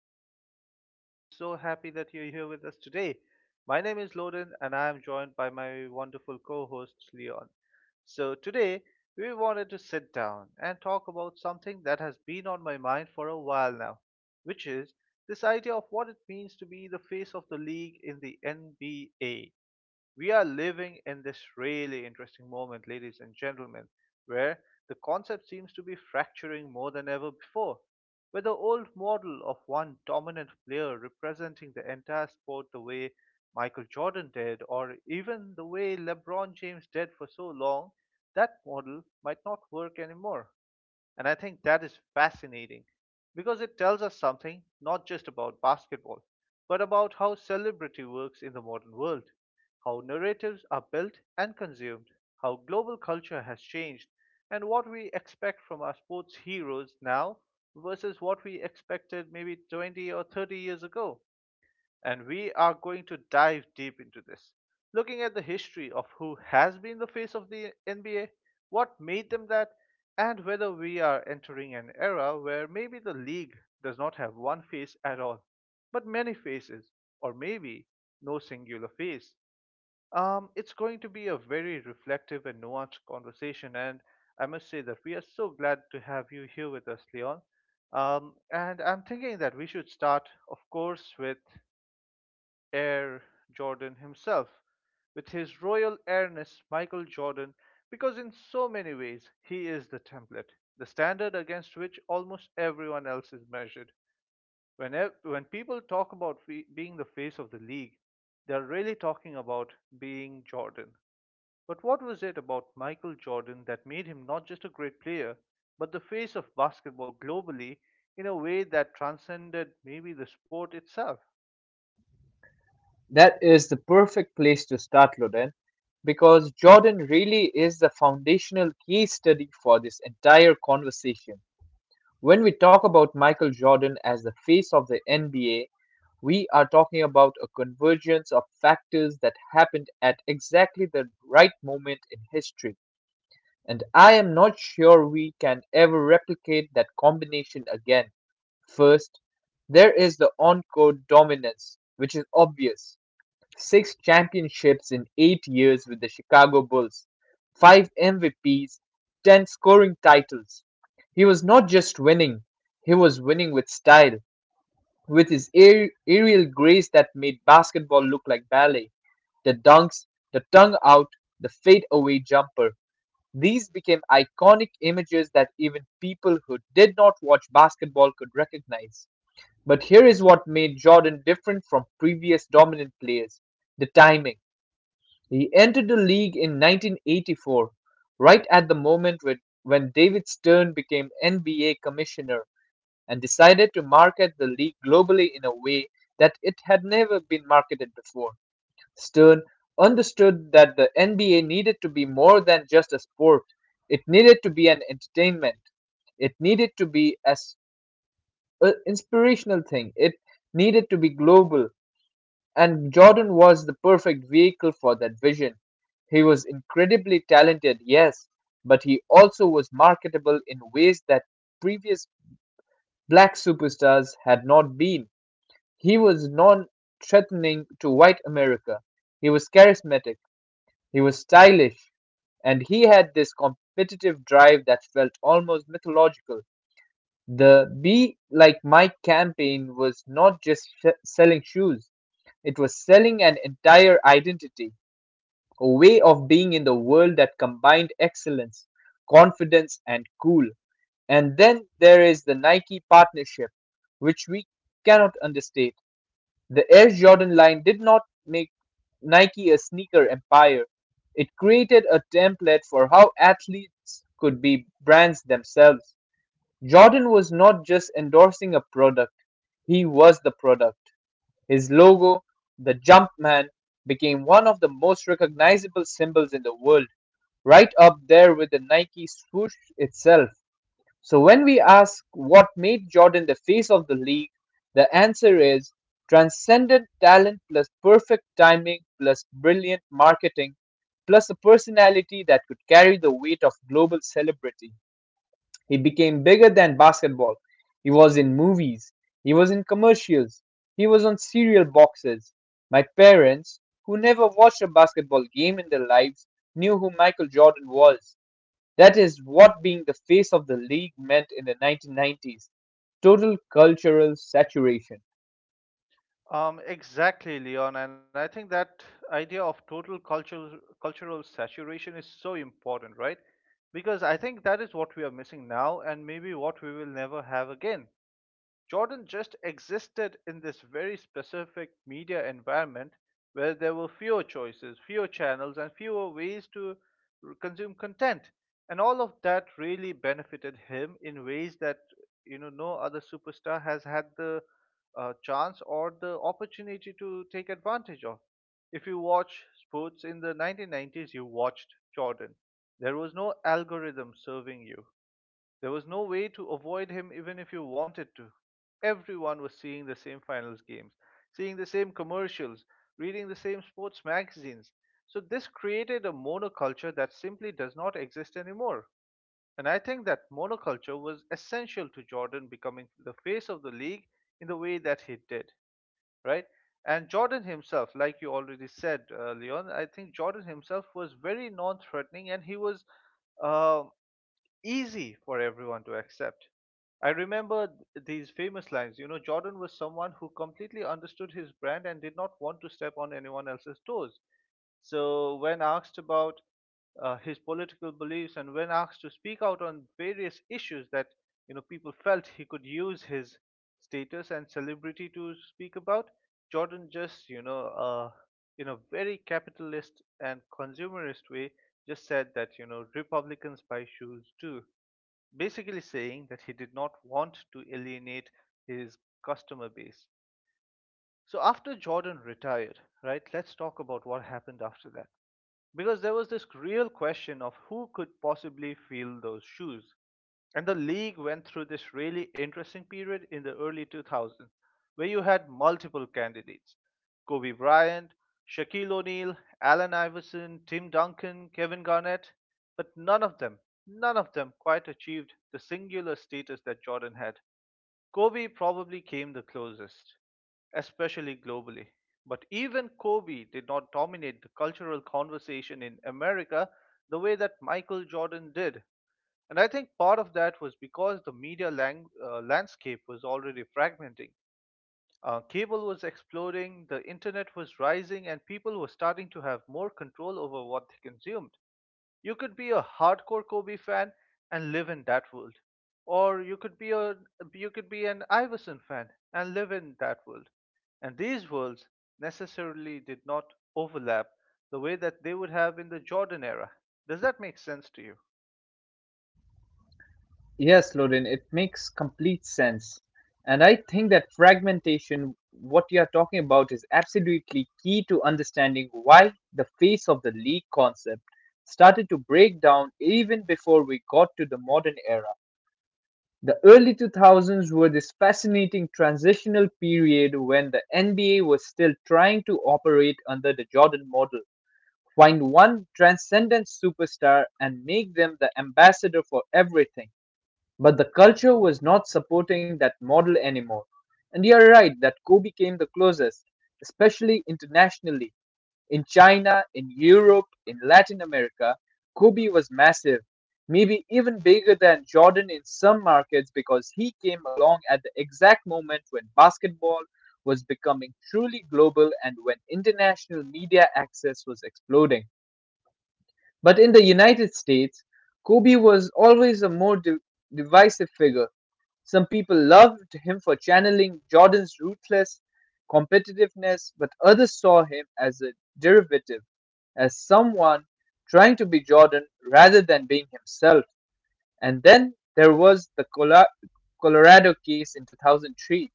podcast. I am so happy that you're here with us today. My name is Loden, and I am joined by my wonderful co host, Leon. Today we wanted to sit down and talk about something that has been on my mind for a while now, which is this idea of what it means to be the face of the league in the NBA. We are living in this really interesting moment, ladies and gentlemen, where the concept seems to be fracturing more than ever before. Where the old model of one dominant player representing the entire sport, the way Michael Jordan did, or even the way LeBron James did for so long, that model might not work anymore. And I think that is fascinating because it tells us something not just about basketball, but about how celebrity works in the modern world, how narratives are built and consumed, how global culture has changed, and what we expect from our sports heroes now versus what we expected maybe 20 or 30 years ago, and we are going to dive deep into this, looking at the history of who has been the face of the NBA, what made them that, and whether we are entering an era where maybe the league does not have one face at all, but many faces, or maybe no singular face. It's going to be a very reflective and nuanced conversation, and I must say that we are so glad to have you here with us, Leon. And I'm thinking that we should start, of course, with heir Jordan himself, with his royal heiress Michael Jordan, because in so many ways he is the template, the standard against which almost everyone else is measured. When people talk about being the face of the league, they're really talking about being Jordan. But what was it about Michael Jordan that made him not just a great player, but the face of basketball globally in a way that transcended maybe the sport itself? That is the perfect place to start, Loden, because Jordan really is the foundational case study for this entire conversation. When we talk about Michael Jordan as the face of the NBA, we are talking about a convergence of factors that happened at exactly the right moment in history. And I am not sure we can ever replicate that combination again. First, there is the on court dominance, which is obvious six championships in 8 years with the Chicago Bulls, five MVPs, 10 scoring titles. He was not just winning, he was winning with style, with his aerial grace that made basketball look like ballet. The dunks, the tongue out, the fadeaway jumper. These became iconic images that even people who did not watch basketball could recognize. But here is what made Jordan different from previous dominant players the timing. He entered the league in 1984, right at the moment when David Stern became NBA commissioner and decided to market the league globally in a way that it had never been marketed before. Stern understood that the NBA needed to be more than just a sport. It needed to be an entertainment. It needed to be as an inspirational thing. It needed to be global. And Jordan was the perfect vehicle for that vision. He was incredibly talented, yes, but he also was marketable in ways that previous black superstars had not been. He was non threatening to white America. He was charismatic. He was stylish. And he had this competitive drive that felt almost mythological. The Be Like Mike campaign was not just selling shoes, it was selling an entire identity, a way of being in the world that combined excellence, confidence, and cool. And then there is the Nike partnership, which we cannot understate. The Air Jordan line did not make Nike a sneaker empire, it created a template for how athletes could be brands themselves. Jordan was not just endorsing a product, he was the product. His logo, the Jumpman, became one of the most recognizable symbols in the world, right up there with the Nike swoosh itself. So when we ask what made Jordan the face of the league, the answer is transcendent talent plus perfect timing plus brilliant marketing plus a personality that could carry the weight of global celebrity. He became bigger than basketball. He was in movies. He was in commercials. He was on cereal boxes. My parents, who never watched a basketball game in their lives, knew who Michael Jordan was. That is what being the face of the league meant in the 1990s total cultural saturation. Exactly, Leon, and I think that idea of total cultural saturation is so important, right? Because I think that is what we are missing now, and maybe what we will never have again. Jordan just existed in this very specific media environment where there were fewer choices, fewer channels, and fewer ways to consume content. And all of that really benefited him in ways that you know no other superstar has had the chance or the opportunity to take advantage of. If you watch sports in the 1990s, you watched Jordan. There was no algorithm serving you. There was no way to avoid him even if you wanted to. Everyone was seeing the same finals games, seeing the same commercials, reading the same sports magazines. So this created a monoculture that simply does not exist anymore. And I think that monoculture was essential to Jordan becoming the face of the league in the way that he did, right? And Jordan himself, like you already said, Leon, I think Jordan himself was very non threatening and he was uh, easy for everyone to accept. I remember these famous lines. You know, Jordan was someone who completely understood his brand and did not want to step on anyone else's toes. So, when asked about his political beliefs and when asked to speak out on various issues that you know people felt he could use his status and celebrity to speak about. Jordan just, you know, in a very capitalist and consumerist way, just said that, you know, Republicans buy shoes too, basically saying that he did not want to alienate his customer base. So after Jordan retired, right, let's talk about what happened after that because there was this real question of who could possibly fill those shoes. And the league went through this really interesting period in the early 2000s where you had multiple candidates: Kobe Bryant, Shaquille O'Neal, Allen Iverson, Tim Duncan, Kevin Garnett, but none of them quite achieved the singular status that Jordan had. Kobe probably came the closest, especially globally. But even Kobe did not dominate the cultural conversation in America the way that Michael Jordan did. And I think part of that was because the landscape was already fragmenting. Cable was exploding, the internet was rising, and people were starting to have more control over what they consumed. You could be a hardcore Kobe fan and live in that world, or you could be an Iverson fan and live in that world. And these worlds necessarily did not overlap the way that they would have in the Jordan era. Does that make sense to you? Yes, Lorin, it makes complete sense. And I think that fragmentation, what you are talking about, is absolutely key to understanding why the face of the league concept started to break down even before we got to the modern era. The early 2000s were this fascinating transitional period when the NBA was still trying to operate under the Jordan model. Find one transcendent superstar and make them the ambassador for everything but the culture was not supporting that model anymore. And you're right that Kobe came the closest, especially internationally. In China, in Europe, in Latin America, Kobe was massive, maybe even bigger than Jordan in some markets because he came along at the exact moment when basketball was becoming truly global and when international media access was exploding. But in the United States, Kobe was always a more divisive figure. Some people loved him for channeling Jordan's ruthless competitiveness, but others saw him as a derivative, as someone trying to be Jordan rather than being himself. And then there was the Colorado case in 2003,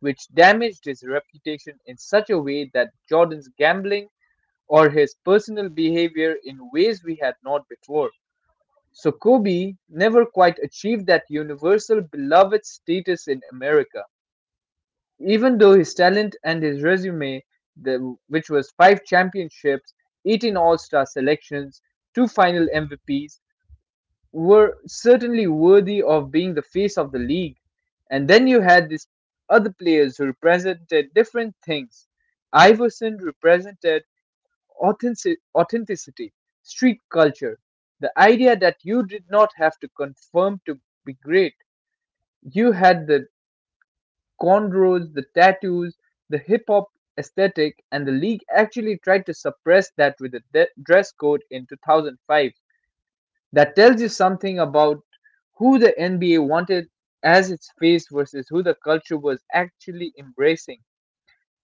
which damaged his reputation in such a way that Jordan's gambling or his personal behavior in ways we had not before. So Kobe never quite achieved that universal beloved status in America. Even though his talent and his resume, the, which was five championships, 18 All Star selections, two final MVPs, were certainly worthy of being the face of the league. And then you had these other players who represented different things. Iverson represented authenticity, street culture, the idea that you did not have to conform to be great. You had the cornrows, the tattoos, the hip hop aesthetic, and the league actually tried to suppress that with a dress code in 2005. That tells you something about who the NBA wanted as its face versus who the culture was actually embracing.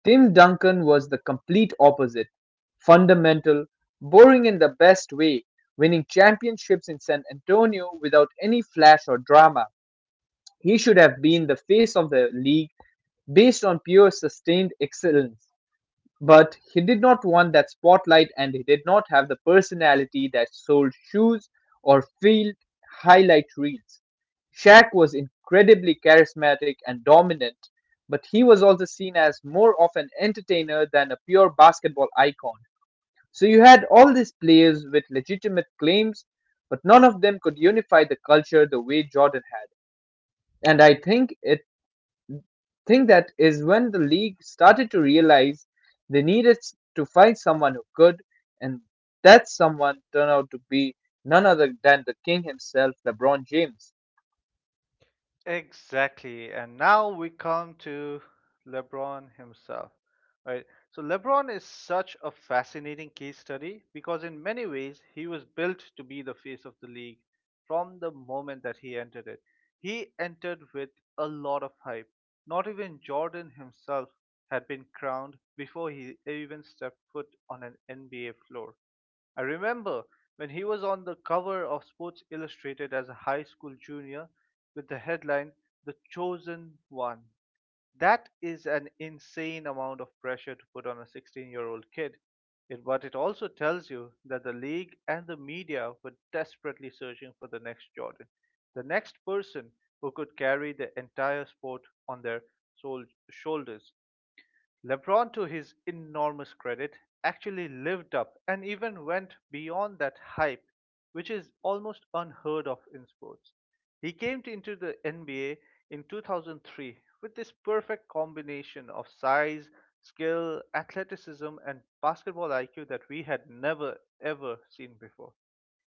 Tim Duncan was the complete opposite fundamental, boring in the best way, winning championships in San Antonio without any flash or drama. He should have been the face of the league based on pure sustained excellence. But he did not want that spotlight and he did not have the personality that sold shoes or filled highlight reels. Shaq was incredibly charismatic and dominant, but he was also seen as more of an entertainer than a pure basketball icon. So you had all these players with legitimate claims, but none of them could unify the culture the way Jordan had. And I think that is when the league started to realize they needed to find someone who could, and that someone turned out to be none other than the king himself, LeBron James. Exactly. And now we come to LeBron himself. Right. So LeBron is such a fascinating case study because in many ways he was built to be the face of the league from the moment that he entered it. He entered with a lot of hype. Not even Jordan himself had been crowned before he even stepped foot on an NBA floor. I remember when he was on the cover of Sports Illustrated as a high school junior with the headline, The Chosen One. That is an insane amount of pressure to put on a 16-year-old year old kid. But it also tells you that the league and the media were desperately searching for the next Jordan, the next person who could carry the entire sport on their shoulders. LeBron, to his enormous credit, actually lived up and even went beyond that hype, which is almost unheard of in sports. He came into the NBA in 2003 with this perfect combination of size, skill, athleticism, and basketball IQ that we had never ever seen before.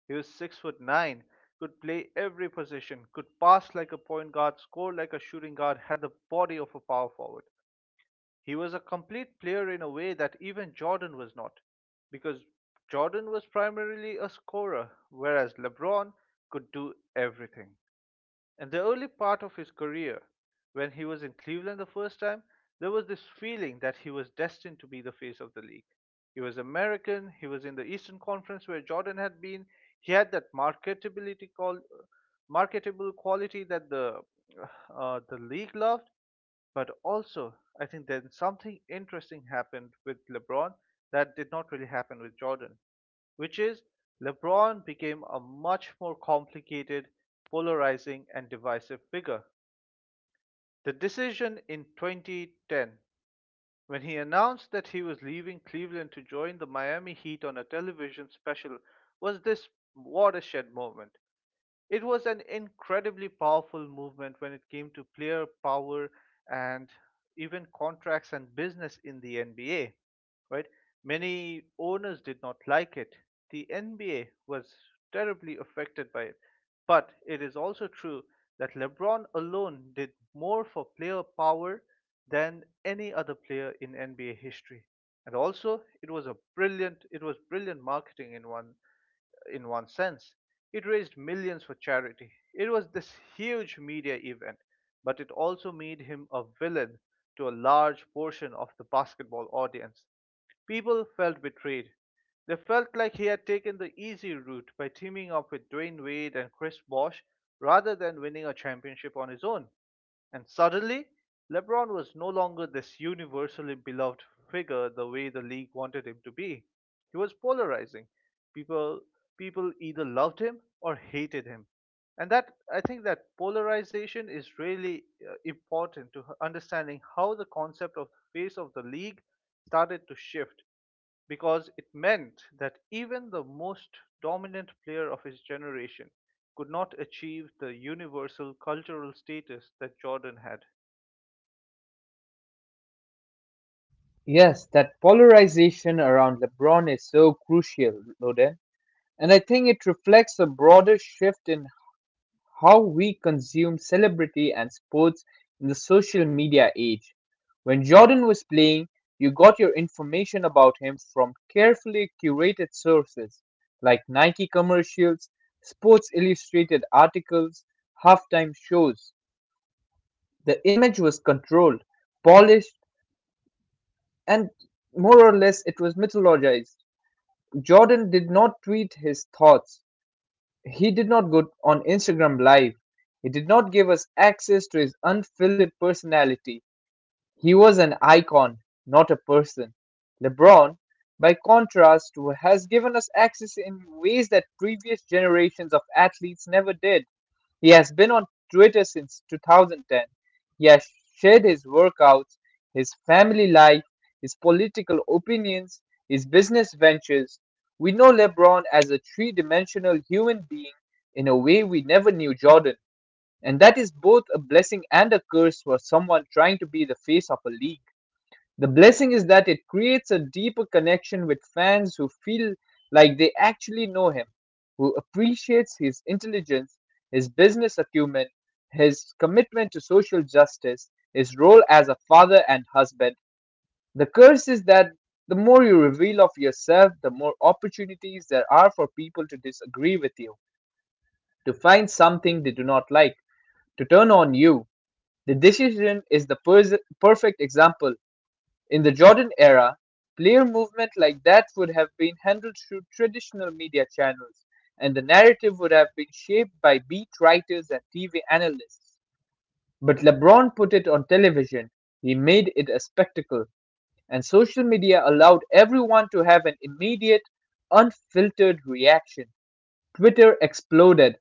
He was 6'9", could play every position, could pass like a point guard, score like a shooting guard, had the body of a power forward. He was a complete player in a way that even Jordan was not, because Jordan was primarily a scorer, whereas LeBron could do everything. In the early part of his career, when he was in Cleveland the first time, there was this feeling that he was destined to be the face of the league. He was American, he was in the Eastern Conference where Jordan had been. He had that marketability called marketable quality that the league loved, but also, I think then something interesting happened with LeBron that did not really happen with Jordan, which is LeBron became a much more complicated, polarizing, and divisive figure. The decision in 2010, when he announced that he was leaving Cleveland to join the Miami Heat on a television special, was this watershed moment. It was an incredibly powerful movement when it came to player power and even contracts and business in the NBA, right? Many owners did not like it. The NBA was terribly affected by it. But it is also true that LeBron alone did more for player power than any other player in NBA history. And also, it was brilliant marketing in one sense. It raised millions for charity. It was this huge media event, but it also made him a villain to a large portion of the basketball audience. People felt betrayed. They felt like he had taken the easy route by teaming up with Dwayne Wade and Chris Bosh rather than winning a championship on his own. And suddenly, LeBron was no longer this universally beloved figure the way the league wanted him to be. He was polarizing. People people either loved him or hated him. And that I think that polarization is really understanding how the concept of the face of the league started to shift because it meant that even the most dominant player of his generation could not achieve the universal cultural status that Jordan had. Yes, that polarization around LeBron is so crucial, Loden, and I think it reflects a broader shift in how we consume celebrity and sports in the social media age. When Jordan was playing, you got your information about him from carefully curated sources like Nike commercials, Sports Illustrated articles, halftime shows. The image was controlled, polished, and more or less it was mythologized. Jordan did not tweet his thoughts. He did not go on Instagram Live. He did not give us access to his unfiltered personality. He was an icon, not a person. LeBron, by contrast, has given us access in ways that previous generations of athletes never did. He has been on Twitter since 2010. He has shared his workouts, his family life, his political opinions, his business ventures. We know LeBron as a three dimensional human being in a way we never knew Jordan. And that is both a blessing and a curse for someone trying to be the face of a league. The blessing is that it creates a deeper connection with fans who feel like they actually know him, who appreciates his intelligence, his business acumen, his commitment to social justice, his role as a father and husband. The curse is that the more you reveal of yourself, the more opportunities there are for people to disagree with you, to find something they do not like, to turn on you. The decision is the perfect example in the Jordan era, player movement like that would have been handled through traditional media channels, and the narrative would have been shaped by beat writers and TV analysts. But LeBron put it on television, he made it a spectacle, and social media allowed everyone to have an immediate, unfiltered reaction. Twitter exploded,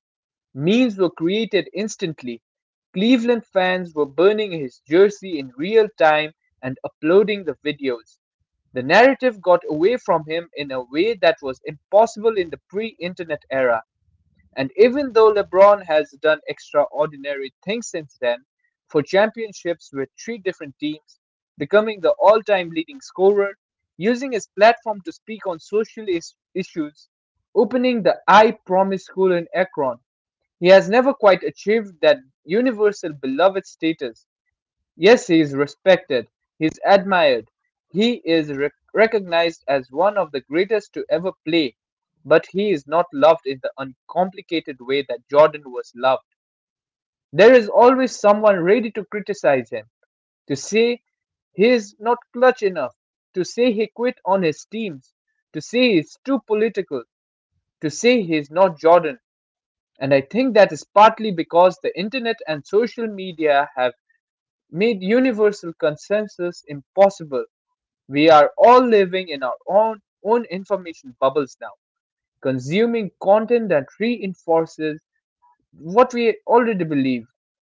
memes were created instantly, Cleveland fans were burning his jersey in real time and uploading the videos. The narrative got away from him in a way that was impossible in the pre-internet era. And even though LeBron has done extraordinary things since then, for championships with three different teams, becoming the all-time leading scorer, using his platform to speak on social issues, opening the I Promise School in Akron, he has never quite achieved that universal beloved status. Yes, he is respected, he is admired, he is recognized as one of the greatest to ever play, but he is not loved in the uncomplicated way that Jordan was loved. There is always someone ready to criticize him, to say he is not clutch enough, to say he quit on his teams, to say he is too political, to say he is not Jordan. And I think that is partly because the internet and social media have made universal consensus impossible. We are all living in our own information bubbles now, consuming content that reinforces what we already believe.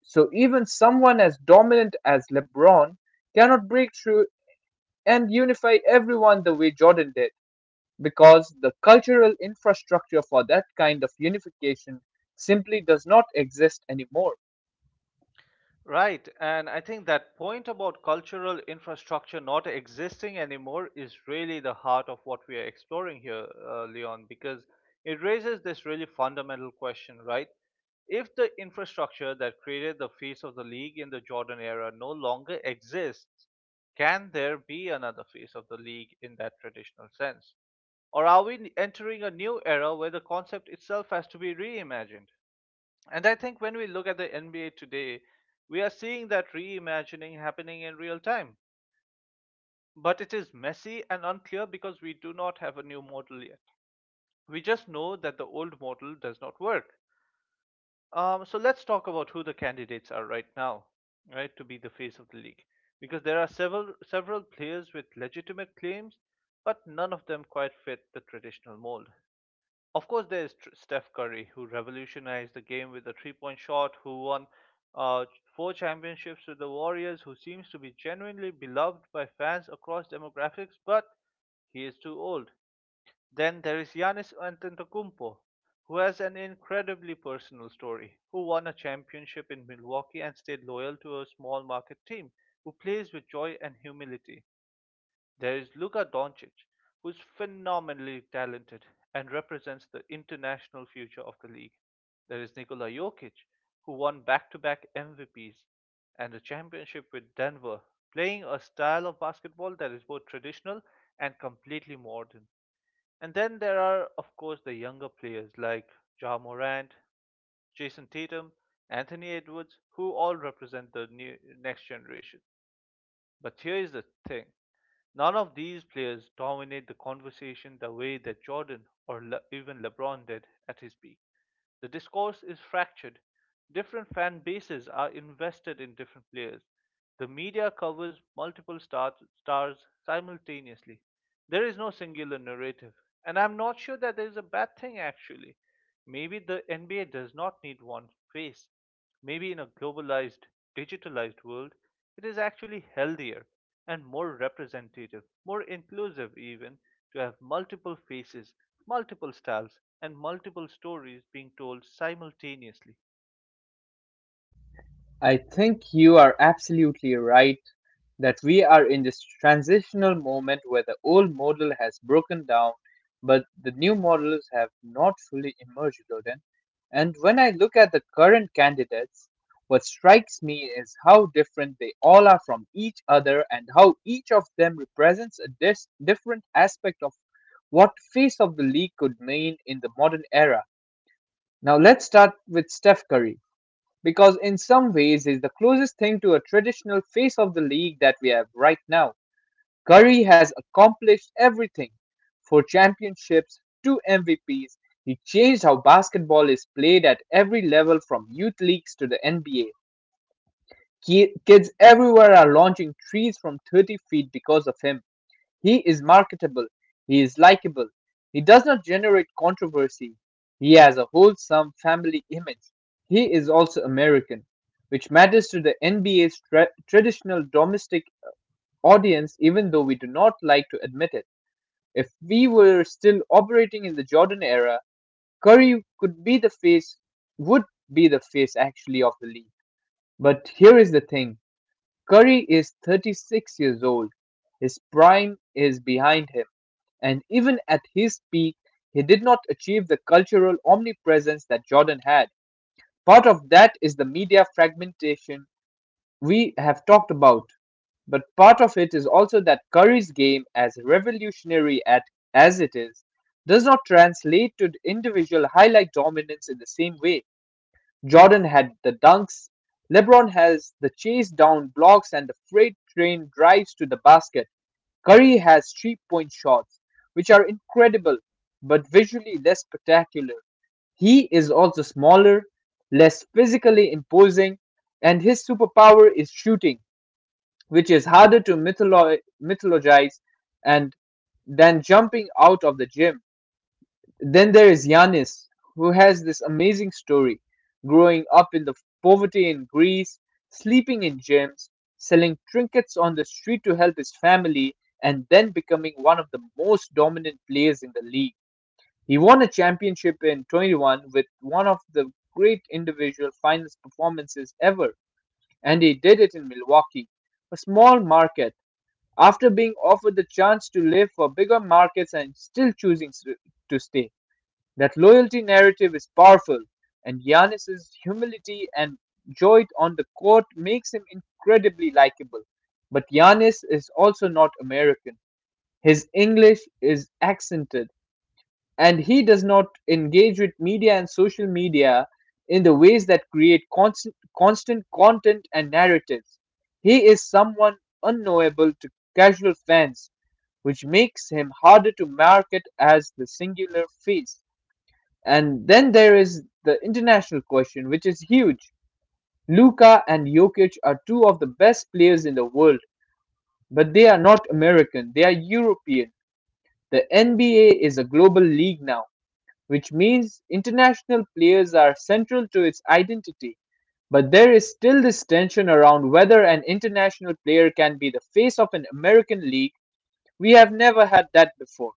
So even someone as dominant as LeBron cannot break through and unify everyone the way Jordan did because the cultural infrastructure for that kind of unification simply does not exist anymore. Right, and I think that point about cultural infrastructure not existing anymore is really the heart of what we are exploring here, Leon, because it raises this really fundamental question, right? If the infrastructure that created the face of the league in the Jordan era no longer exists, can there be another face of the league in that traditional sense? Or are we entering a new era where the concept itself has to be reimagined? And I think when we look at the NBA today, we are seeing that reimagining happening in real time. But it is messy and unclear because we do not have a new model yet. We just know that the old model does not work. So let's talk about who the candidates are right now, right, to be the face of the league, because there are several players with legitimate claims, but none of them quite fit the traditional mold. Of course, there is Steph Curry, who revolutionized the game with a three-point shot, who won uh, four championships with the Warriors, who seems to be genuinely beloved by fans across demographics, but he is too old. Then there is Giannis Antetokounmpo, who has an incredibly personal story, who won a championship in Milwaukee and stayed loyal to a small market team, who plays with joy and humility. There is Luka Doncic, who's phenomenally talented and represents the international future of the league. There is Nikola Jokic, who won back-to-back MVPs and a championship with Denver, playing a style of basketball that is both traditional and completely modern. And then there are, of course, the younger players like Ja Morant, Jason Tatum, Anthony Edwards, who all represent the new, next generation. But here is the thing, none of these players dominate the conversation the way that Jordan or even LeBron did at his peak. The discourse is fractured. Different fan bases are invested in different players. The media covers multiple stars simultaneously. There is no singular narrative. And I'm not sure that there is a bad thing, actually. Maybe the NBA does not need one face. Maybe in a globalized, digitalized world, it is actually healthier and more representative, more inclusive even, to have multiple faces, multiple styles, and multiple stories being told simultaneously. I think you are absolutely right that we are in this transitional moment where the old model has broken down, but the new models have not fully emerged, Loden. And when I look at the current candidates, what strikes me is how different they all are from each other and how each of them represents a different aspect of what face of the league could mean in the modern era. Now let's start with Steph Curry because in some ways is the closest thing to a traditional face of the league that we have right now. Curry has accomplished everything. Four championships, two MVPs. He changed how basketball is played at every level, from youth leagues to the NBA. Kids everywhere are launching trees from 30 feet because of him. He is marketable, he is likable, he does not generate controversy, he has a wholesome family image. He is also American, which matters to the NBA's traditional domestic audience, even though we do not like to admit it. If we were still operating in the Jordan era, Curry could be the face, would be the face actually of the league. But here is the thing. Curry is 36 years old. His prime is behind him. And even at his peak, he did not achieve the cultural omnipresence that Jordan had. Part of that is the media fragmentation we have talked about, but part of it is also that Curry's game, as it is, does not translate to individual highlight dominance in the same way. Jordan had the dunks, LeBron has the chase down blocks and the freight train drives to the basket. Curry has three-point shots, which are incredible but visually less spectacular. He is also smaller, less physically imposing, and his superpower is shooting, which is harder to mythologize and than jumping out of the gym. Then there is Yannis, who has this amazing story, growing up in the poverty in Greece, sleeping in gyms, selling trinkets on the street to help his family, and then becoming one of the most dominant players in the league. He won a championship in '21 with one of the great individual finals performances ever, and he did it in Milwaukee, a small market. After being offered the chance to live for bigger markets and still choosing to stay. That loyalty narrative is powerful, and Giannis's humility and joy on the court makes him incredibly likable. But Giannis is also not American. His English is accented, and he does not engage with media and social media in the ways that create constant content and narratives. He is someone unknowable to casual fans, which makes him harder to market as the singular face. And then there is the international question, which is huge. Luka and Jokic are two of the best players in the world, but they are not American, they are European. The NBA is a global league now, which means international players are central to its identity. But there is still this tension around whether an international player can be the face of an American league. We have never had that before.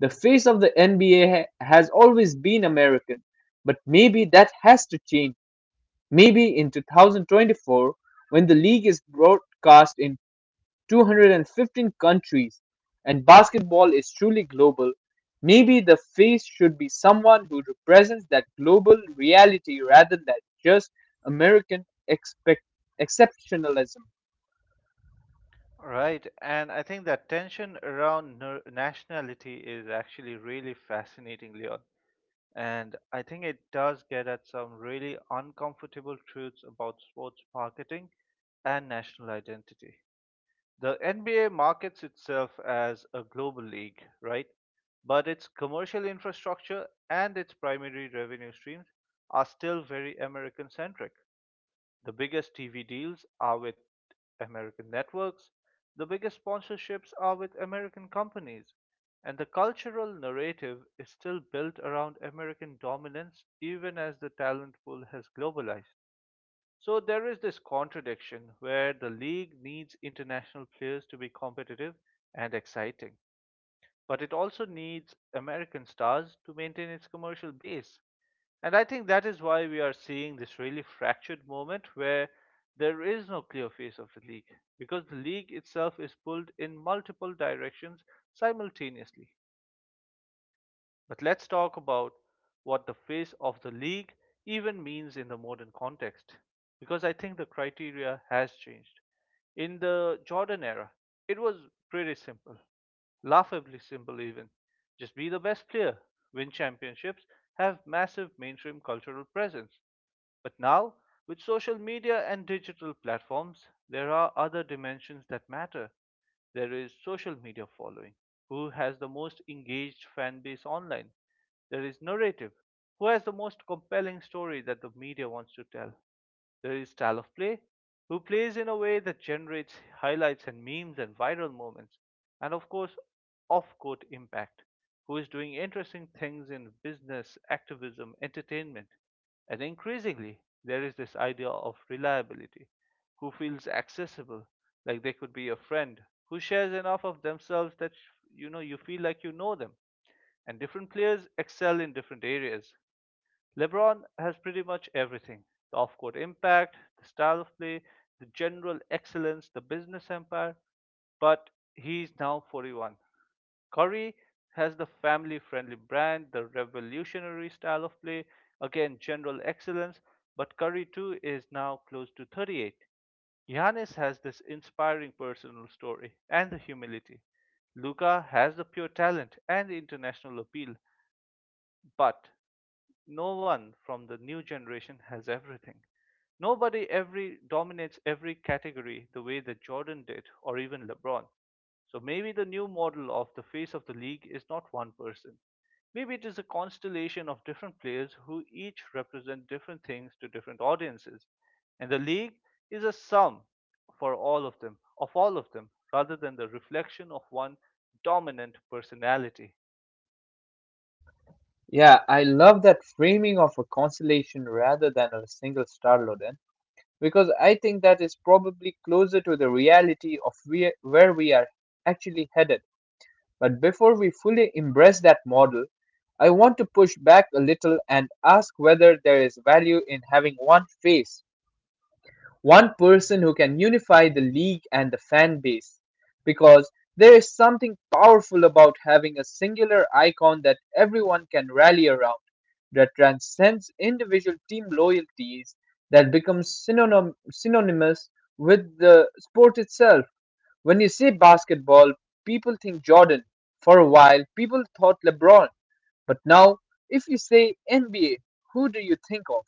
The face of the NBA has always been American, but maybe that has to change. Maybe in 2024, when the league is broadcast in 215 countries and basketball is truly global, maybe the face should be someone who represents that global reality rather than just American expect- exceptionalism. Right, and I think that tension around nationality is actually really fascinating, Leon. And I think it does get at some really uncomfortable truths about sports marketing and national identity. The NBA markets itself as a global league, right? But its commercial infrastructure and its primary revenue streams are still very American centric. The biggest TV deals are with American networks, the biggest sponsorships are with American companies, and the cultural narrative is still built around American dominance even as the talent pool has globalized. So there is this contradiction where the league needs international players to be competitive and exciting, but it also needs American stars to maintain its commercial base. And I think that is why we are seeing this really fractured moment where there is no clear face of the league because the league itself is pulled in multiple directions simultaneously. But let's talk about what the face of the league even means in the modern context, because I think the criteria has changed. In the Jordan era, it was pretty simple, laughably simple even. Just be the best player, win championships, have massive mainstream cultural presence. But now, with social media and digital platforms, there are other dimensions that matter. There is social media following: who has the most engaged fan base online. There is narrative: who has the most compelling story that the media wants to tell. There is style of play, who plays in a way that generates highlights and memes and viral moments, and of course, off court impact, who is doing interesting things in business, activism, entertainment. And increasingly, there is this idea of reliability, who feels accessible, like they could be a friend, who shares enough of themselves that you know, you feel like you know them. And different players excel in different areas. LeBron has pretty much everything: the off court impact, the style of play, the general excellence, the business empire, but he's now 41. Curry has the family friendly brand, the revolutionary style of play, again, general excellence, but Curry too is now close to 38. Giannis has this inspiring personal story and the humility. Luca has the pure talent and the international appeal, but no one from the new generation has everything. Nobody every dominates every category the way that Jordan did or even LeBron. So maybe the new model of the face of the league is not one person. Maybe it is a constellation of different players who each represent different things to different audiences. And the league is a sum for all of them, of all of them, rather than the reflection of one dominant personality. Yeah, I love that framing of a constellation rather than a single star, Loden. Because I think that is probably closer to the reality of where we are actually headed. But before we fully embrace that model, I want to push back a little and ask whether there is value in having one face, one person who can unify the league and the fan base. Because there is something powerful about having a singular icon that everyone can rally around, that transcends individual team loyalties, that becomes synonymous with the sport itself. When you say basketball, people think Jordan. For a while, people thought LeBron. But now, if you say NBA, who do you think of?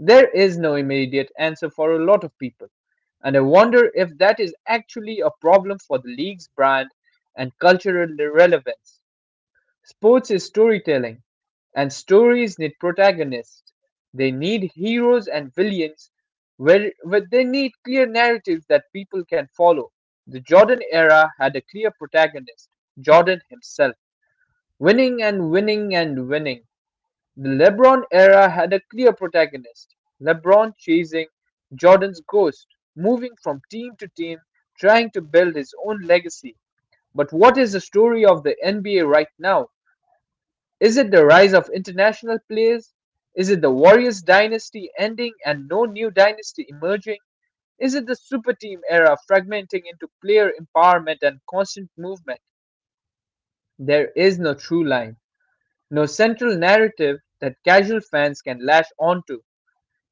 There is no immediate answer for a lot of people, and I wonder if that is actually a problem for the league's brand and cultural relevance. Sports is storytelling, and stories need protagonists. They need heroes and villains, where they need clear narratives that people can follow. The Jordan era had a clear protagonist, Jordan himself, winning and winning and winning. The LeBron era had a clear protagonist, LeBron chasing Jordan's ghost, moving from team to team, trying to build his own legacy. But what is the story of the NBA right now? Is it the rise of international players? Is it the Warriors dynasty ending and no new dynasty emerging? Is it the super team era fragmenting into player empowerment and constant movement? There is no true line, no central narrative that casual fans can latch onto.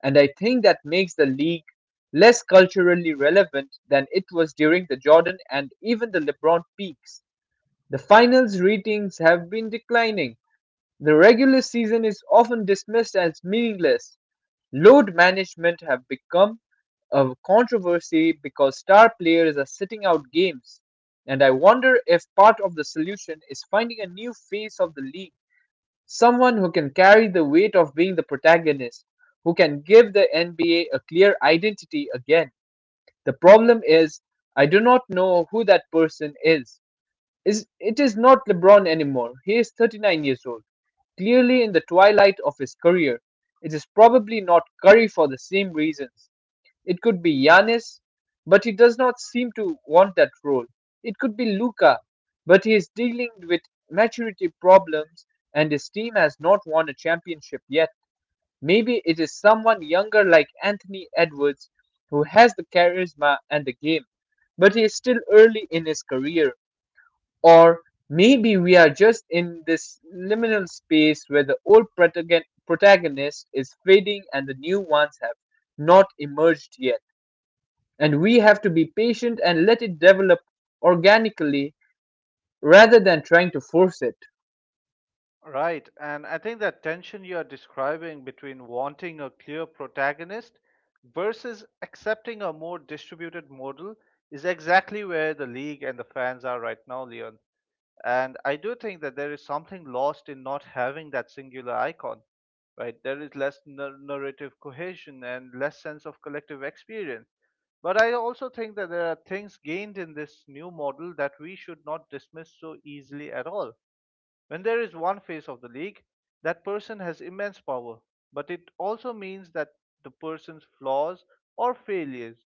And I think that makes the league less culturally relevant than it was during the Jordan and even the LeBron peaks. The finals ratings have been declining. The regular season is often dismissed as meaningless. Load management have become a controversy because star players are sitting out games. And I wonder if part of the solution is finding a new face of the league. Someone who can carry the weight of being the protagonist, who can give the NBA a clear identity again. The problem is, I do not know who that person is. It is not LeBron anymore. He is 39 years old, clearly in the twilight of his career. It is probably not Curry for the same reasons. It could be Yanis, but he does not seem to want that role. It could be Luca, but he is dealing with maturity problems and his team has not won a championship yet. Maybe it is someone younger like Anthony Edwards, who has the charisma and the game, but he is still early in his career. Or maybe we are just in this liminal space where the old protagonist is fading and the new ones have not emerged yet. And we have to be patient and let it develop organically rather than trying to force it. Right, and I think that tension you are describing between wanting a clear protagonist versus accepting a more distributed model is exactly where the league and the fans are right now, Leon. And I do think that there is something lost in not having that singular icon, right? There is less narrative cohesion and less sense of collective experience. But I also think that there are things gained in this new model that we should not dismiss so easily at all. When there is one face of the league, that person has immense power, but it also means that the person's flaws or failures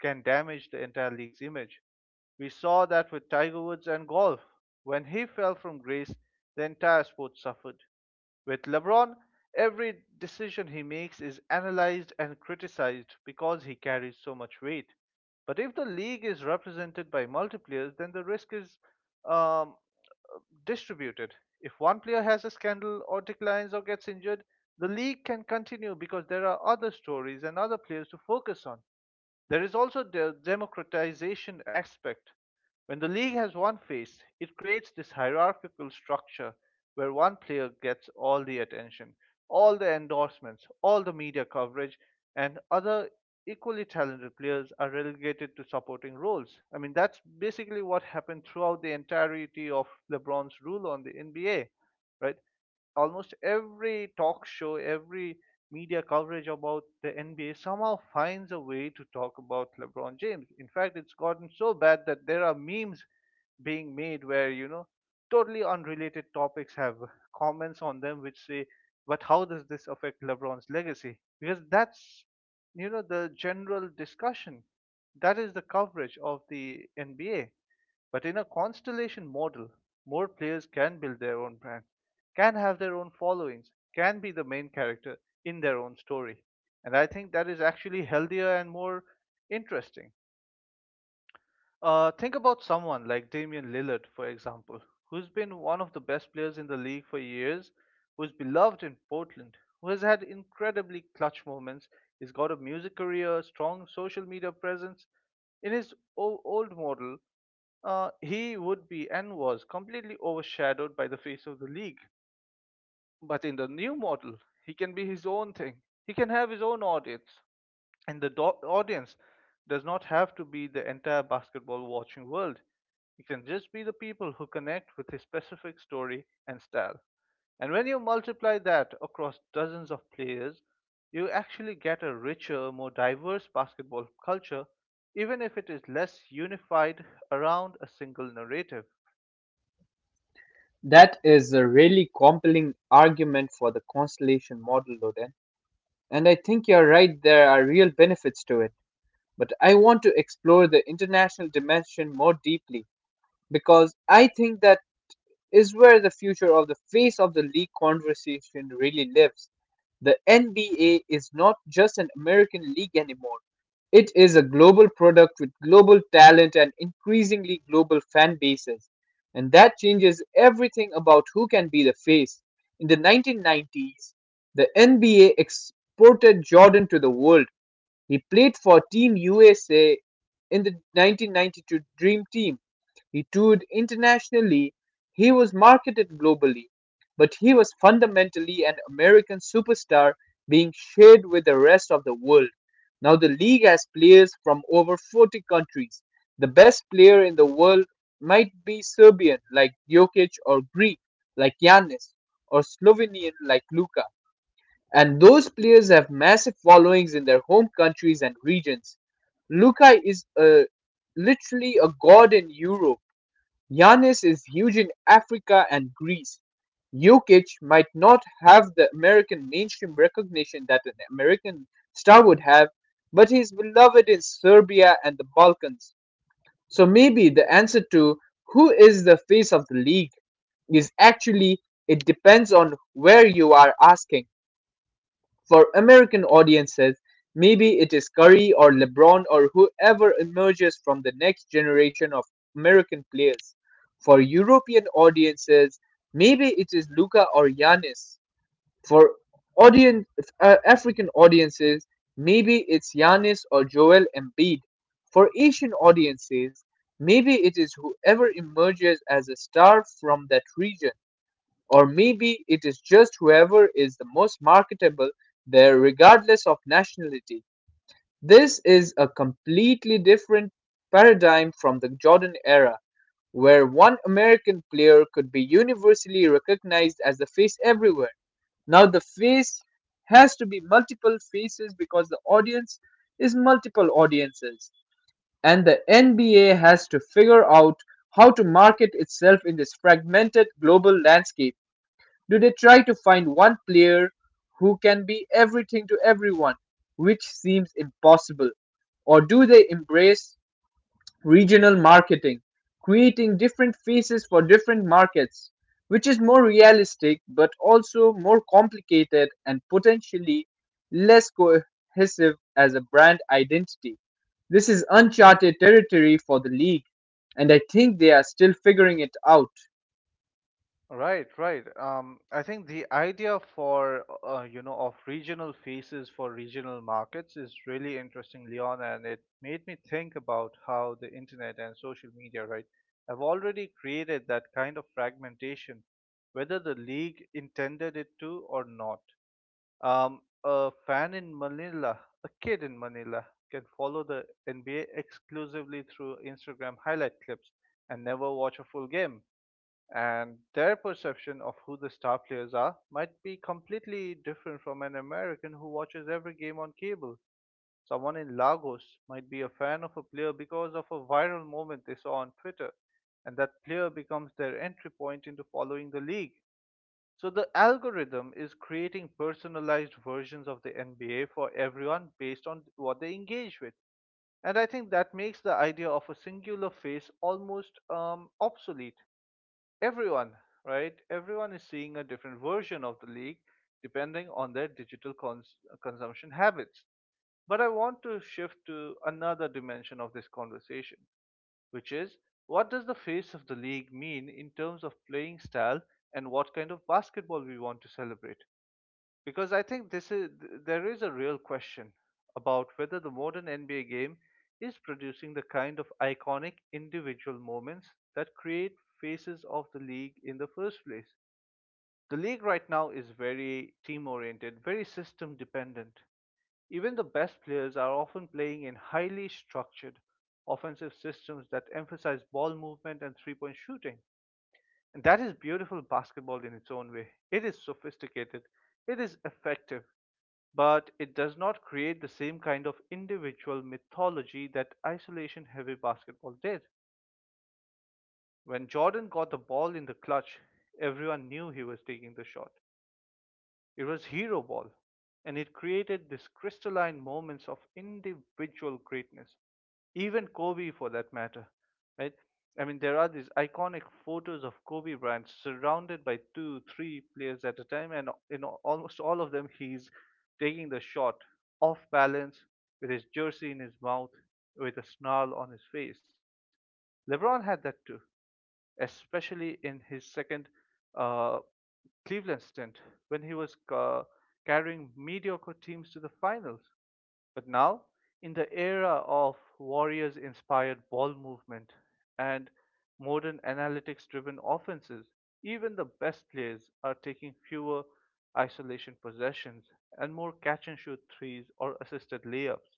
can damage the entire league's image. We saw that with Tiger Woods and golf. When he fell from grace, the entire sport suffered. With LeBron, every decision he makes is analyzed and criticized because he carries so much weight. But if the league is represented by multipliers, then the risk is um, distributed. If one player has a scandal or declines or gets injured, the league can continue because there are other stories and other players to focus on. There is also the democratization aspect. When the league has one face, it creates this hierarchical structure where one player gets all the attention, all the endorsements, all the media coverage, and other equally talented players are relegated to supporting roles. I mean, that's basically what happened throughout the entirety of LeBron's rule on the NBA, right? Almost every talk show, every media coverage about the NBA somehow finds a way to talk about LeBron James. In fact, it's gotten so bad that there are memes being made where, you know, totally unrelated topics have comments on them which say, but how does this affect LeBron's legacy? Because that's, you know, the general discussion. That is the coverage of the NBA. But in a constellation model, more players can build their own brand, can have their own followings, can be the main character in their own story. And I think that is actually healthier and more interesting. Think about someone like Damian Lillard, for example, who's been one of the best players in the league for years, who's beloved in Portland, who has had incredibly clutch moments. He's got a music career, strong social media presence. In his old model, he would be and was completely overshadowed by the face of the league. But in the new model, he can be his own thing. He can have his own audience, and the audience does not have to be the entire basketball watching world. It can just be the people who connect with a specific story and style. And when you multiply that across dozens of players, you actually get a richer, more diverse basketball culture, even if it is less unified around a single narrative. That is a really compelling argument for the constellation model, Loden. And I think you're right, there are real benefits to it. But I want to explore the international dimension more deeply because I think that is where the future of the face of the league conversation really lives. The NBA is not just an American league anymore. It is a global product with global talent and increasingly global fan bases. And that changes everything about who can be the face. In the 1990s, the NBA exported Jordan to the world. He played for Team USA in the 1992 Dream Team. He toured internationally. He was marketed globally, but he was fundamentally an American superstar being shared with the rest of the world. Now the league has players from over 40 countries. The best player in the world might be Serbian like Jokic, or Greek like Yanis, or Slovenian like Luka, and those players have massive followings in their home countries and regions. Luka is a, literally a god in Europe. Giannis is huge in Africa and Greece. Jokic might not have the American mainstream recognition that an American star would have, but he's beloved in Serbia and the Balkans. So maybe the answer to who is the face of the league is actually, it depends on where you are asking. For American audiences, maybe it is Curry or LeBron or whoever emerges from the next generation of American players. For European audiences, maybe it is Luka or Giannis. For audience, African audiences, maybe it's Giannis or Joel Embiid. For Asian audiences, maybe it is whoever emerges as a star from that region. Or maybe it is just whoever is the most marketable there, regardless of nationality. This is a completely different paradigm from the Jordan era, where one American player could be universally recognized as the face everywhere. Now, the face has to be multiple faces because the audience is multiple audiences, and the NBA has to figure out how to market itself in this fragmented global landscape. Do they try to find one player who can be everything to everyone, which seems impossible? Or do they embrace regional marketing, creating different faces for different markets, which is more realistic but also more complicated and potentially less cohesive as a brand identity? This is uncharted territory for the league, and I think they are still figuring it out. Right, right. I think the idea for you know, of regional faces for regional markets is really interesting, Leon, and it made me think about how the internet and social media, right, have already created that kind of fragmentation, whether the league intended it to or not. Um, a fan in Manila, a kid in Manila, can follow the NBA exclusively through Instagram highlight clips and never watch a full game, and their perception of who the star players are might be completely different from an American who watches every game on cable. Someone in Lagos might be a fan of a player because of a viral moment they saw on Twitter, and that player becomes their entry point into following the league. So the algorithm is creating personalized versions of the NBA for everyone based on what they engage with. And I think that makes the idea of a singular face almost obsolete. Everyone, right? Everyone is seeing a different version of the league depending on their consumption habits. But I want to shift to another dimension of this conversation, which is, what does the face of the league mean in terms of playing style and what kind of basketball we want to celebrate? Because I think this is, there is a real question about whether the modern NBA game is producing the kind of iconic individual moments that create faces of the league in the first place. The league right now is very team oriented, very system dependent. Even the best players are often playing in highly structured offensive systems that emphasize ball movement and 3-point shooting. And that is beautiful basketball in its own way. It is sophisticated, it is effective, but it does not create the same kind of individual mythology that isolation heavy basketball did. When Jordan got the ball in the clutch, everyone knew he was taking the shot. It was hero ball, and it created these crystalline moments of individual greatness, even Kobe for that matter, right? I mean, there are these iconic photos of Kobe Bryant surrounded by two, three players at a time, and in almost all of them, he's taking the shot off balance, with his jersey in his mouth, with a snarl on his face. LeBron had that too, especially in his second uh, Cleveland stint when he was carrying mediocre teams to the finals. But now, in the era of Warriors inspired ball movement and modern analytics driven offenses, even the best players are taking fewer isolation possessions and more catch and shoot threes or assisted layups.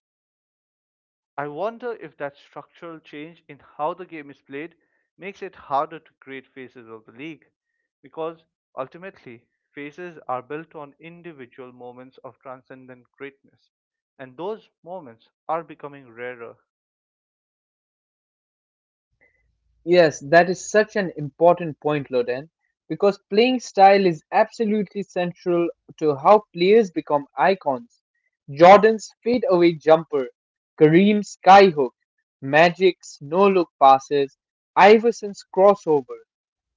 I wonder if that structural change in how the game is played makes it harder to create phases of the league, because ultimately, phases are built on individual moments of transcendent greatness, and those moments are becoming rarer. Yes, that is such an important point, Loden, because playing style is absolutely central to how players become icons. Jordan's fadeaway jumper, Kareem's skyhook, Magic's no-look passes, Iverson's crossover.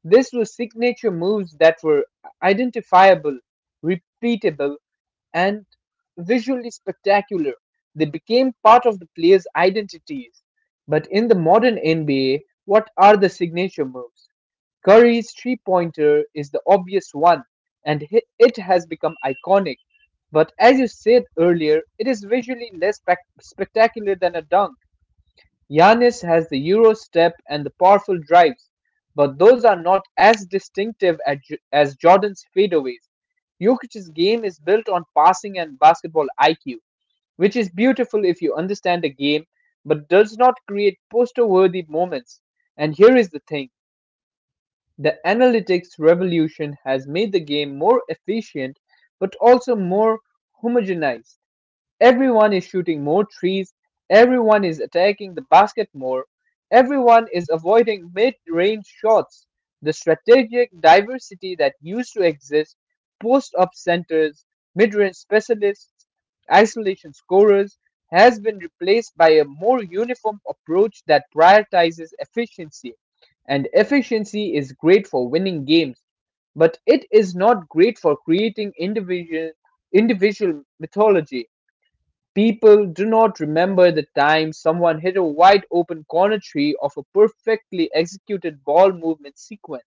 This was signature moves that were identifiable, repeatable, and visually spectacular. They became part of the players' identities. But in the modern NBA, what are the signature moves? Curry's three pointer is the obvious one, and it has become iconic. But as you said earlier, it is visually less spectacular than a dunk. Yanis has the Euro step and the powerful drives, but those are not as distinctive as Jordan's fadeaways. Jokic's game is built on passing and basketball IQ, which is beautiful if you understand the game, but does not create poster worthy moments. And here is the thing, the analytics revolution has made the game more efficient, but also more homogenized. Everyone is shooting more trees, everyone is attacking the basket more, everyone is avoiding mid-range shots. The strategic diversity that used to exist, post-up centers, mid-range specialists, isolation scorers, has been replaced by a more uniform approach that prioritizes efficiency. And efficiency is great for winning games, but it is not great for creating individual mythology. People do not remember the time someone hit a wide-open corner three of a perfectly executed ball-movement sequence.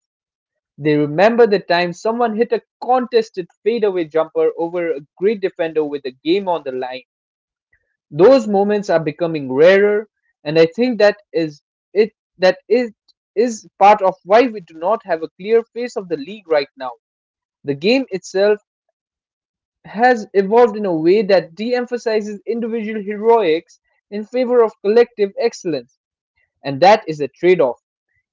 They remember the time someone hit a contested fadeaway jumper over a great defender with the game on the line. Those moments are becoming rarer, and I think it that it is part of why we do not have a clear face of the league right now. The game itself has evolved in a way that de-emphasizes individual heroics in favor of collective excellence, and that is a trade-off.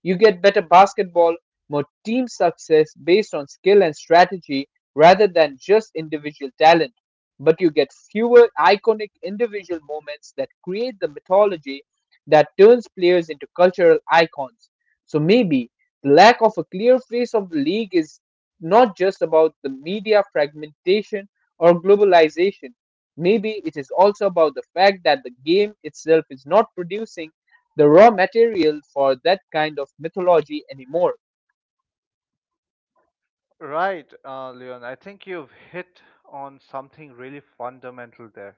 You get better basketball, more team success based on skill and strategy rather than just individual talent. But you get fewer iconic individual moments that create the mythology that turns players into cultural icons. So maybe the lack of a clear face of the league is not just about the media fragmentation or globalization. Maybe it is also about the fact that the game itself is not producing the raw material for that kind of mythology anymore. Right, Leon, I think you've hit on something really fundamental there.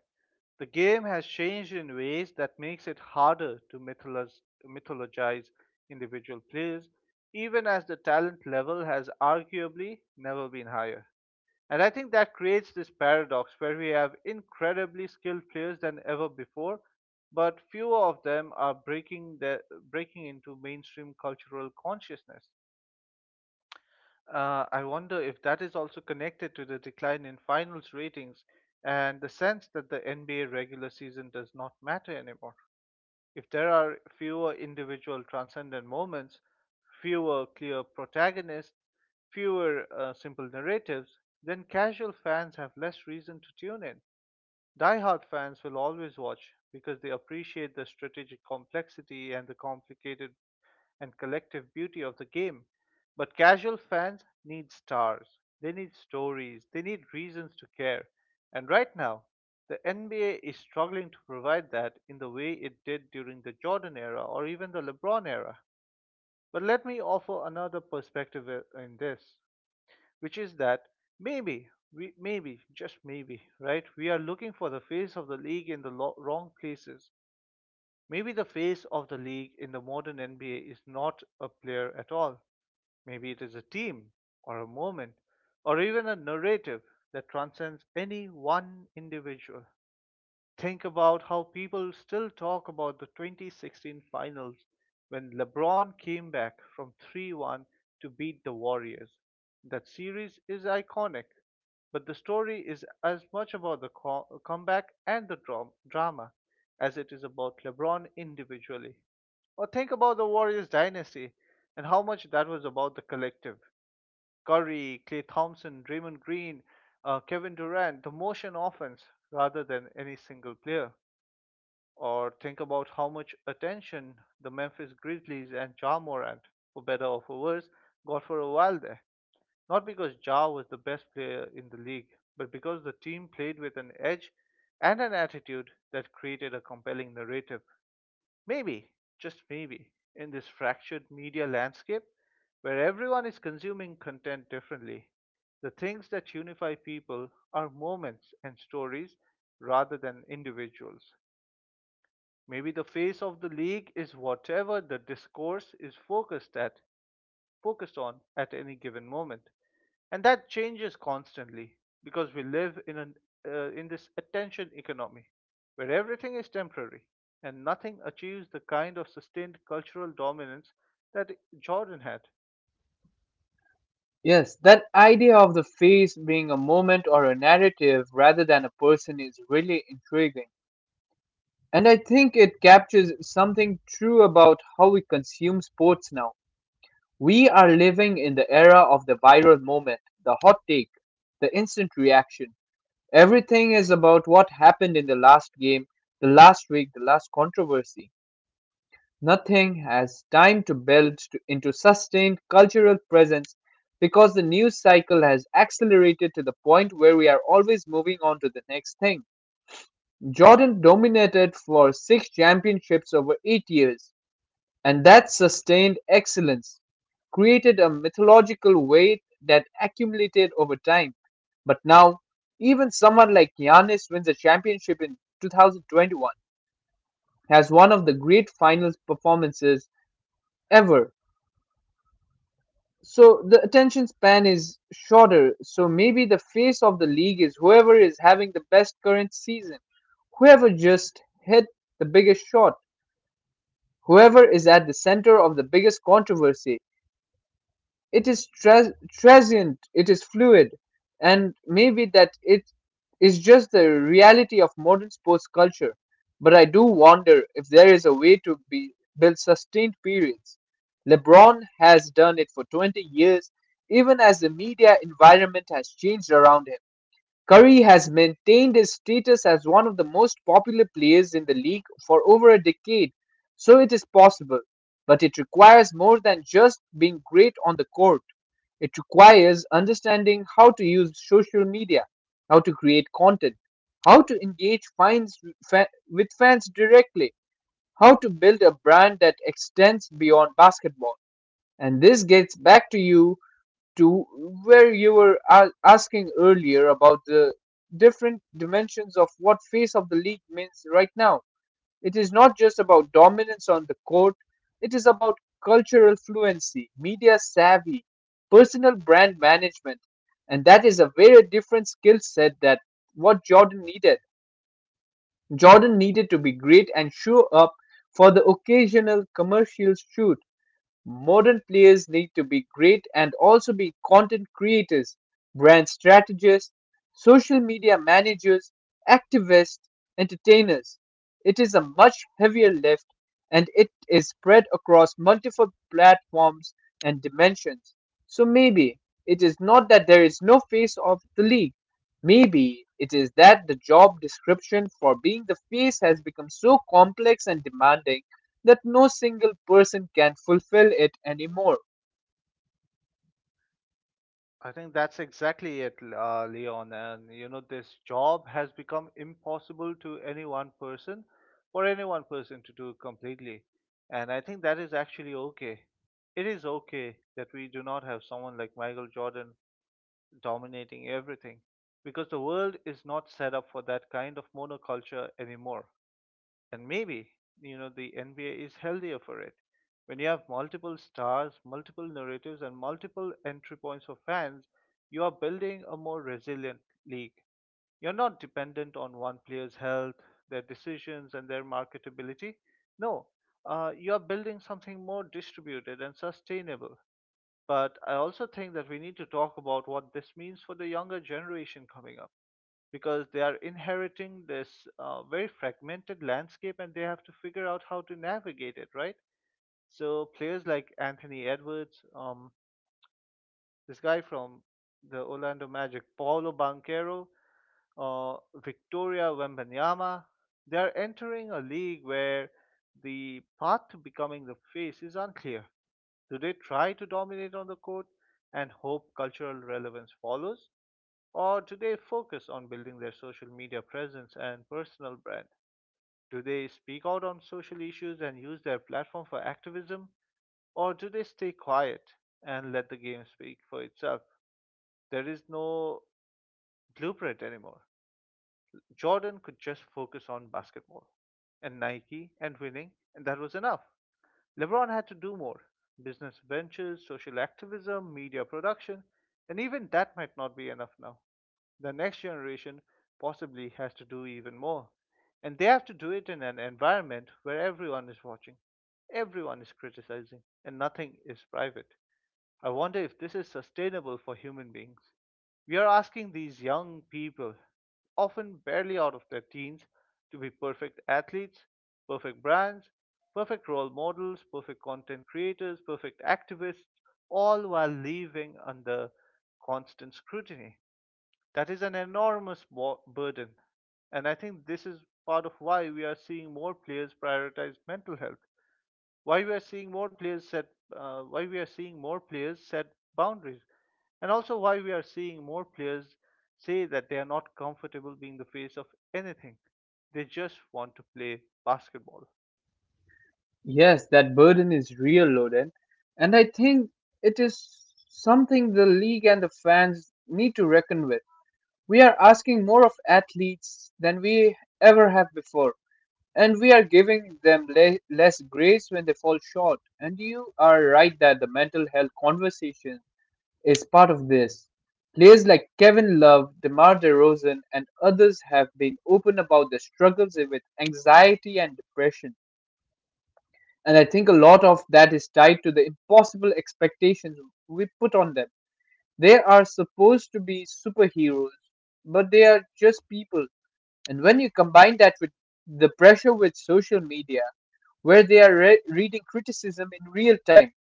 The game has changed in ways that makes it harder to mythologize, mythologize individual players, even as the talent level has arguably never been higher. And I think that creates this paradox where we have incredibly skilled players than ever before, but fewer of them are breaking breaking into mainstream cultural consciousness. I wonder if that is also connected to the decline in finals ratings and the sense that the NBA regular season does not matter anymore. If there are fewer individual transcendent moments, fewer clear protagonists, fewer simple narratives, then casual fans have less reason to tune in. Diehard fans will always watch because they appreciate the strategic complexity and the complicated and collective beauty of the game. But casual fans need stars, they need stories, they need reasons to care. And right now, the NBA is struggling to provide that in the way it did during the Jordan era or even the LeBron era. But let me offer another perspective in this, which is that maybe, just maybe, right? We are looking for the face of the league in the wrong places. Maybe the face of the league in the modern NBA is not a player at all. Maybe it is a team or a moment or even a narrative that transcends any one individual. Think about how people still talk about the 2016 finals when LeBron came back from 3-1 to beat the Warriors. That series is iconic, but the story is as much about the comeback and the drama as it is about LeBron individually. Or think about the Warriors dynasty and how much that was about the collective. Curry, Clay Thompson, Draymond Green, Kevin Durant, the motion offense rather than any single player. Or think about how much attention the Memphis Grizzlies and Ja Morant, for better or for worse, got for a while there. Not because Ja was the best player in the league, but because the team played with an edge and an attitude that created a compelling narrative. Maybe, just maybe, in this fractured media landscape where everyone is consuming content differently, the things that unify people are moments and stories rather than individuals. Maybe the face of the league is whatever the discourse is focused on at any given moment, and that changes constantly because we live in an in this attention economy where everything is temporary and nothing achieves the kind of sustained cultural dominance that Jordan had. Yes, that idea of the face being a moment or a narrative rather than a person is really intriguing. And I think it captures something true about how we consume sports now. We are living in the era of the viral moment, the hot take, the instant reaction. Everything is about what happened in the last game, the last week, the last controversy. Nothing has time to build into sustained cultural presence because the news cycle has accelerated to the point where we are always moving on to the next thing. Jordan dominated for six championships over 8 years, and that sustained excellence created a mythological weight that accumulated over time. But now, even someone like Giannis wins a championship in 2021, has one of the great finals performances ever. So the attention span is shorter. So maybe the face of the league is whoever is having the best current season, whoever just hit the biggest shot, whoever is at the center of the biggest controversy. It is transient, it is fluid, and maybe that it is just the reality of modern sports culture. But I do wonder if there is a way to build sustained periods. LeBron has done it for 20 years, even as the media environment has changed around him. Curry has maintained his status as one of the most popular players in the league for over a decade, so it is possible. But it requires more than just being great on the court. It requires understanding how to use social media, how to create content, how to engage with fans directly, how to build a brand that extends beyond basketball. And this gets back to where you were asking earlier about the different dimensions of what face of the league means right now. It is not just about dominance on the court, it is about cultural fluency, media savvy, personal brand management, and that is a very different skill set that what Jordan needed. Jordan needed to be great and show up for the occasional commercial shoot. Modern players need to be great and also be content creators, brand strategists, social media managers, activists, entertainers. It is a much heavier lift and it is spread across multiple platforms and dimensions. So maybe it is not that there is no face of the league. Maybe it is that the job description for being the face has become so complex and demanding that no single person can fulfill it anymore. I think that's exactly it, Leon. And you know, this job has become impossible to any one person, for any one person to do completely. And I think that is actually okay. It is okay that we do not have someone like Michael Jordan dominating everything because the world is not set up for that kind of monoculture anymore. And maybe, you know, the NBA is healthier for it. When you have multiple stars, multiple narratives, and multiple entry points for fans, you are building a more resilient league. You're not dependent on one player's health, their decisions, and their marketability. No, you are building something more distributed and sustainable. But I also think that we need to talk about what this means for the younger generation coming up because they are inheriting this very fragmented landscape and they have to figure out how to navigate it, right? So players like Anthony Edwards, this guy from the Orlando Magic, Paulo Banquero, uh, Victoria Wembanyama, they are entering a league where the path to becoming the face is unclear. Do they try to dominate on the court and hope cultural relevance follows? Or do they focus on building their social media presence and personal brand? Do they speak out on social issues and use their platform for activism? Or do they stay quiet and let the game speak for itself? There is no blueprint anymore. Jordan could just focus on basketball and Nike and winning, and that was enough. LeBron had to do more, business ventures, social activism, media production, and even that might not be enough now. The next generation possibly has to do even more. And they have to do it in an environment where everyone is watching, everyone is criticizing, and nothing is private. I wonder if this is sustainable for human beings. We are asking these young people, often barely out of their teens, to be perfect athletes, perfect brands, perfect role models, perfect content creators, perfect activists, all while living under constant scrutiny. That is an enormous burden. And I think this is part of why we are seeing more players prioritize mental health, why we are seeing more players set why we are seeing more players set boundaries, and also why we are seeing more players say that they are not comfortable being the face of anything, they just want to play basketball. Yes, that burden is real, Loden. And I think it is something the league and the fans need to reckon with. We are asking more of athletes than we ever have before. And we are giving them less grace when they fall short. And you are right that the mental health conversation is part of this. Players like Kevin Love, DeMar DeRozan, and others have been open about their struggles with anxiety and depression. And I think a lot of that is tied to the impossible expectations we put on them. They are supposed to be superheroes, but they are just people. And when you combine that with the pressure with social media, where they are reading criticism in real time,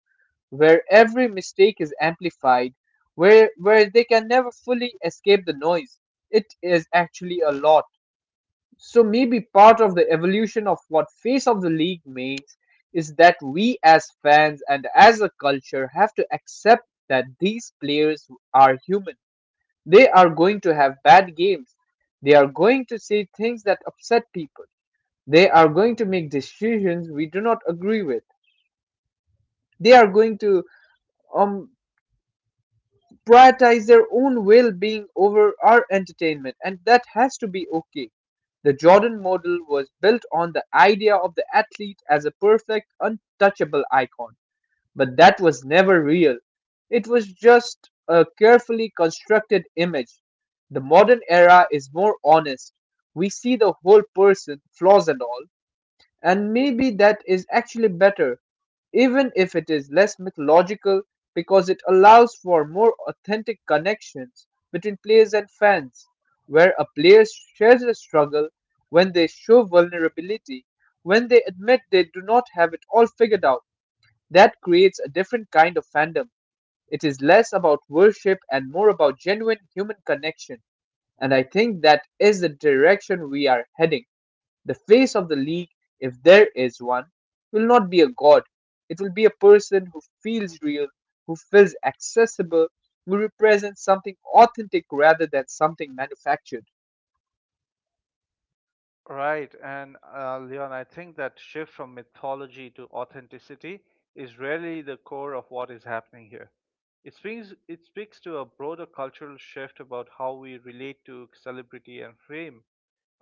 where every mistake is amplified, where they can never fully escape the noise. It is actually a lot. So maybe part of the evolution of what face of the league means is that we as fans and as a culture have to accept that these players are human. They are going to have bad games. They are going to say things that upset people. They are going to make decisions we do not agree with. They are going to um prioritize their own well-being over our entertainment, and that has to be okay. The Jordan model was built on the idea of the athlete as a perfect untouchable icon, but that was never real. It was just a carefully constructed image. The modern era is more honest. We see the whole person, flaws and all. And maybe that is actually better, even if it is less mythological, because it allows for more authentic connections between players and fans, where a player shares a struggle, when they show vulnerability, when they admit they do not have it all figured out. That creates a different kind of fandom. It is less about worship and more about genuine human connection. And I think that is the direction we are heading. The face of the league, if there is one, will not be a god. It will be a person who feels real, who feels accessible, who represents something authentic rather than something manufactured. Right, and Leon, I think that shift from mythology to authenticity is really the core of what is happening here. It speaks to a broader cultural shift about how we relate to celebrity and fame.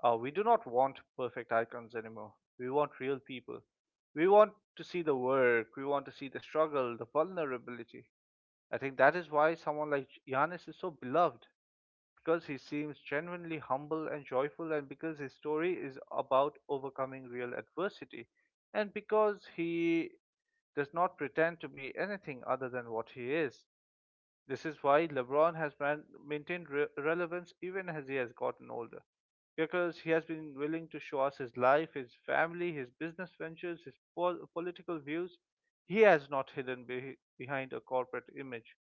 We do not want perfect icons anymore. We want real people. We want to see the work. We want to see the struggle, the vulnerability. I think that is why someone like Giannis is so beloved, because he seems genuinely humble and joyful, and because his story is about overcoming real adversity, and because he does not pretend to be anything other than what he is. This is why LeBron has maintained relevance even as he has gotten older, because he has been willing to show us his life, his family, his business ventures, his political views. He has not hidden behind a corporate image.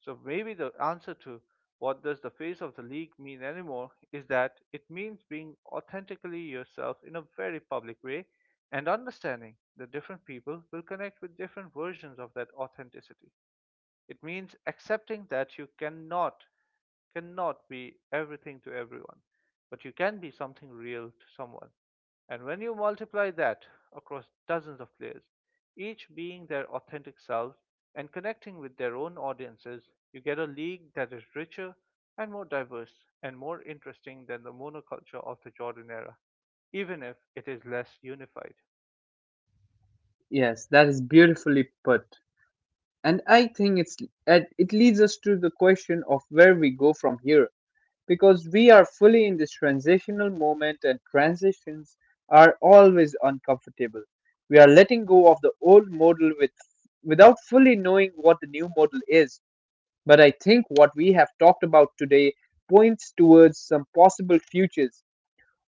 So maybe the answer to what does the face of the league mean anymore is that it means being authentically yourself in a very public way and understanding that different people will connect with different versions of that authenticity. It means accepting that you cannot be everything to everyone, but you can be something real to someone. And when you multiply that across dozens of players, each being their authentic selves and connecting with their own audiences, you get a league that is richer and more diverse and more interesting than the monoculture of the Jordan era, even if it is less unified. Yes, that is beautifully put. And I think it's and it leads us to the question of where we go from here. Because we are fully in this transitional moment, and transitions are always uncomfortable. We are letting go of the old model without fully knowing what the new model is. But I think what we have talked about today points towards some possible futures.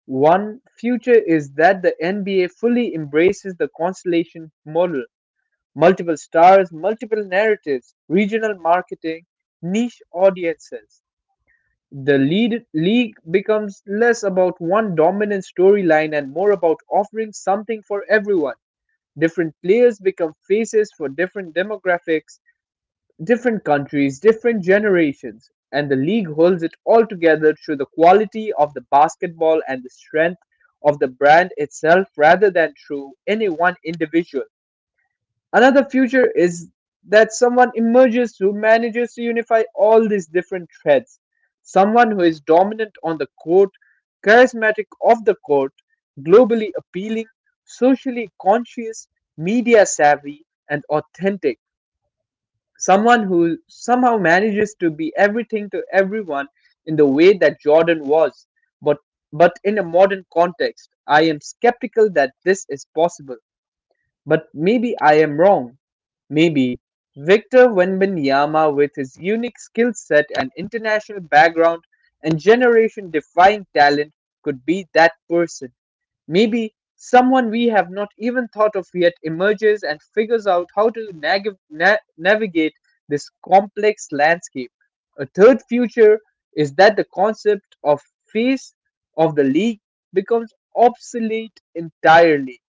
One future is that the NBA fully embraces the constellation model, multiple stars, multiple narratives, regional marketing, niche audiences. The lead league becomes less about one dominant storyline and more about offering something for everyone. Different players become faces for different demographics, different countries, different generations, and the league holds it all together through the quality of the basketball and the strength of the brand itself rather than through any one individual. Another future is that someone emerges who manages to unify all these different threads. Someone who is dominant on the court, charismatic off the court, globally appealing, socially conscious, media savvy, and authentic. Someone who somehow manages to be everything to everyone in the way that Jordan was, but, but in a modern context. I am skeptical that this is possible. But maybe I am wrong. Maybe Victor Wembanyama, with his unique skill set and international background and generation defying talent, could be that person. Maybe someone we have not even thought of yet emerges and figures out how to navigate this complex landscape. A third future is that the concept of face of the league becomes obsolete entirely.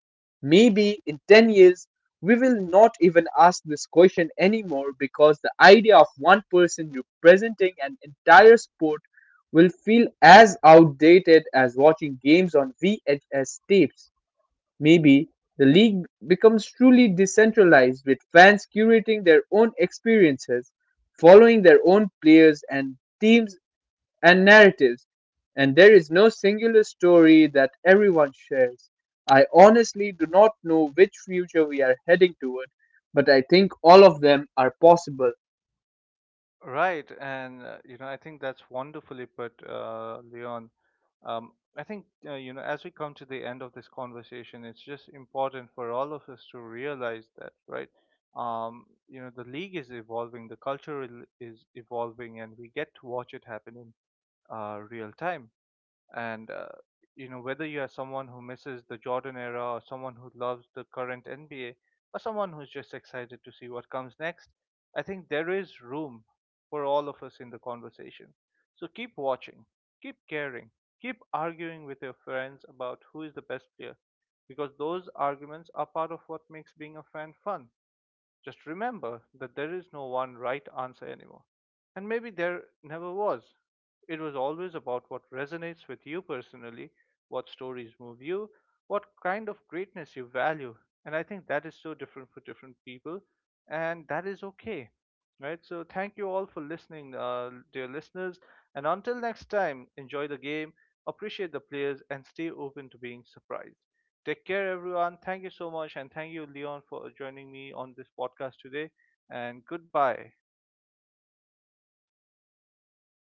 Maybe in 10 years, we will not even ask this question anymore because the idea of one person representing an entire sport will feel as outdated as watching games on VHS tapes. Maybe the league becomes truly decentralized, with fans curating their own experiences, following their own players and teams and narratives, and there is no singular story that everyone shares. I honestly do not know which future we are heading toward, but I think all of them are possible. Right, and you know, I think that's wonderfully put, Leon. I think you know, as we come to the end of this conversation, it's just important for all of us to realize that, right? You know, the league is evolving, the culture is evolving, and we get to watch it happen in real time. And you know, whether you are someone who misses the Jordan era or someone who loves the current NBA or someone who's just excited to see what comes next, I think there is room for all of us in the conversation. So keep watching, keep caring, keep arguing with your friends about who is the best player, because those arguments are part of what makes being a fan fun. Just remember that there is no one right answer anymore. And maybe there never was. It was always about what resonates with you personally, what stories move you, what kind of greatness you value. And I think that is so different for different people, and that is okay. Right? So, thank you all for listening, dear listeners. And until next time, enjoy the game, appreciate the players, and stay open to being surprised. Take care, everyone. Thank you so much. And thank you, Leon, for joining me on this podcast today. And goodbye.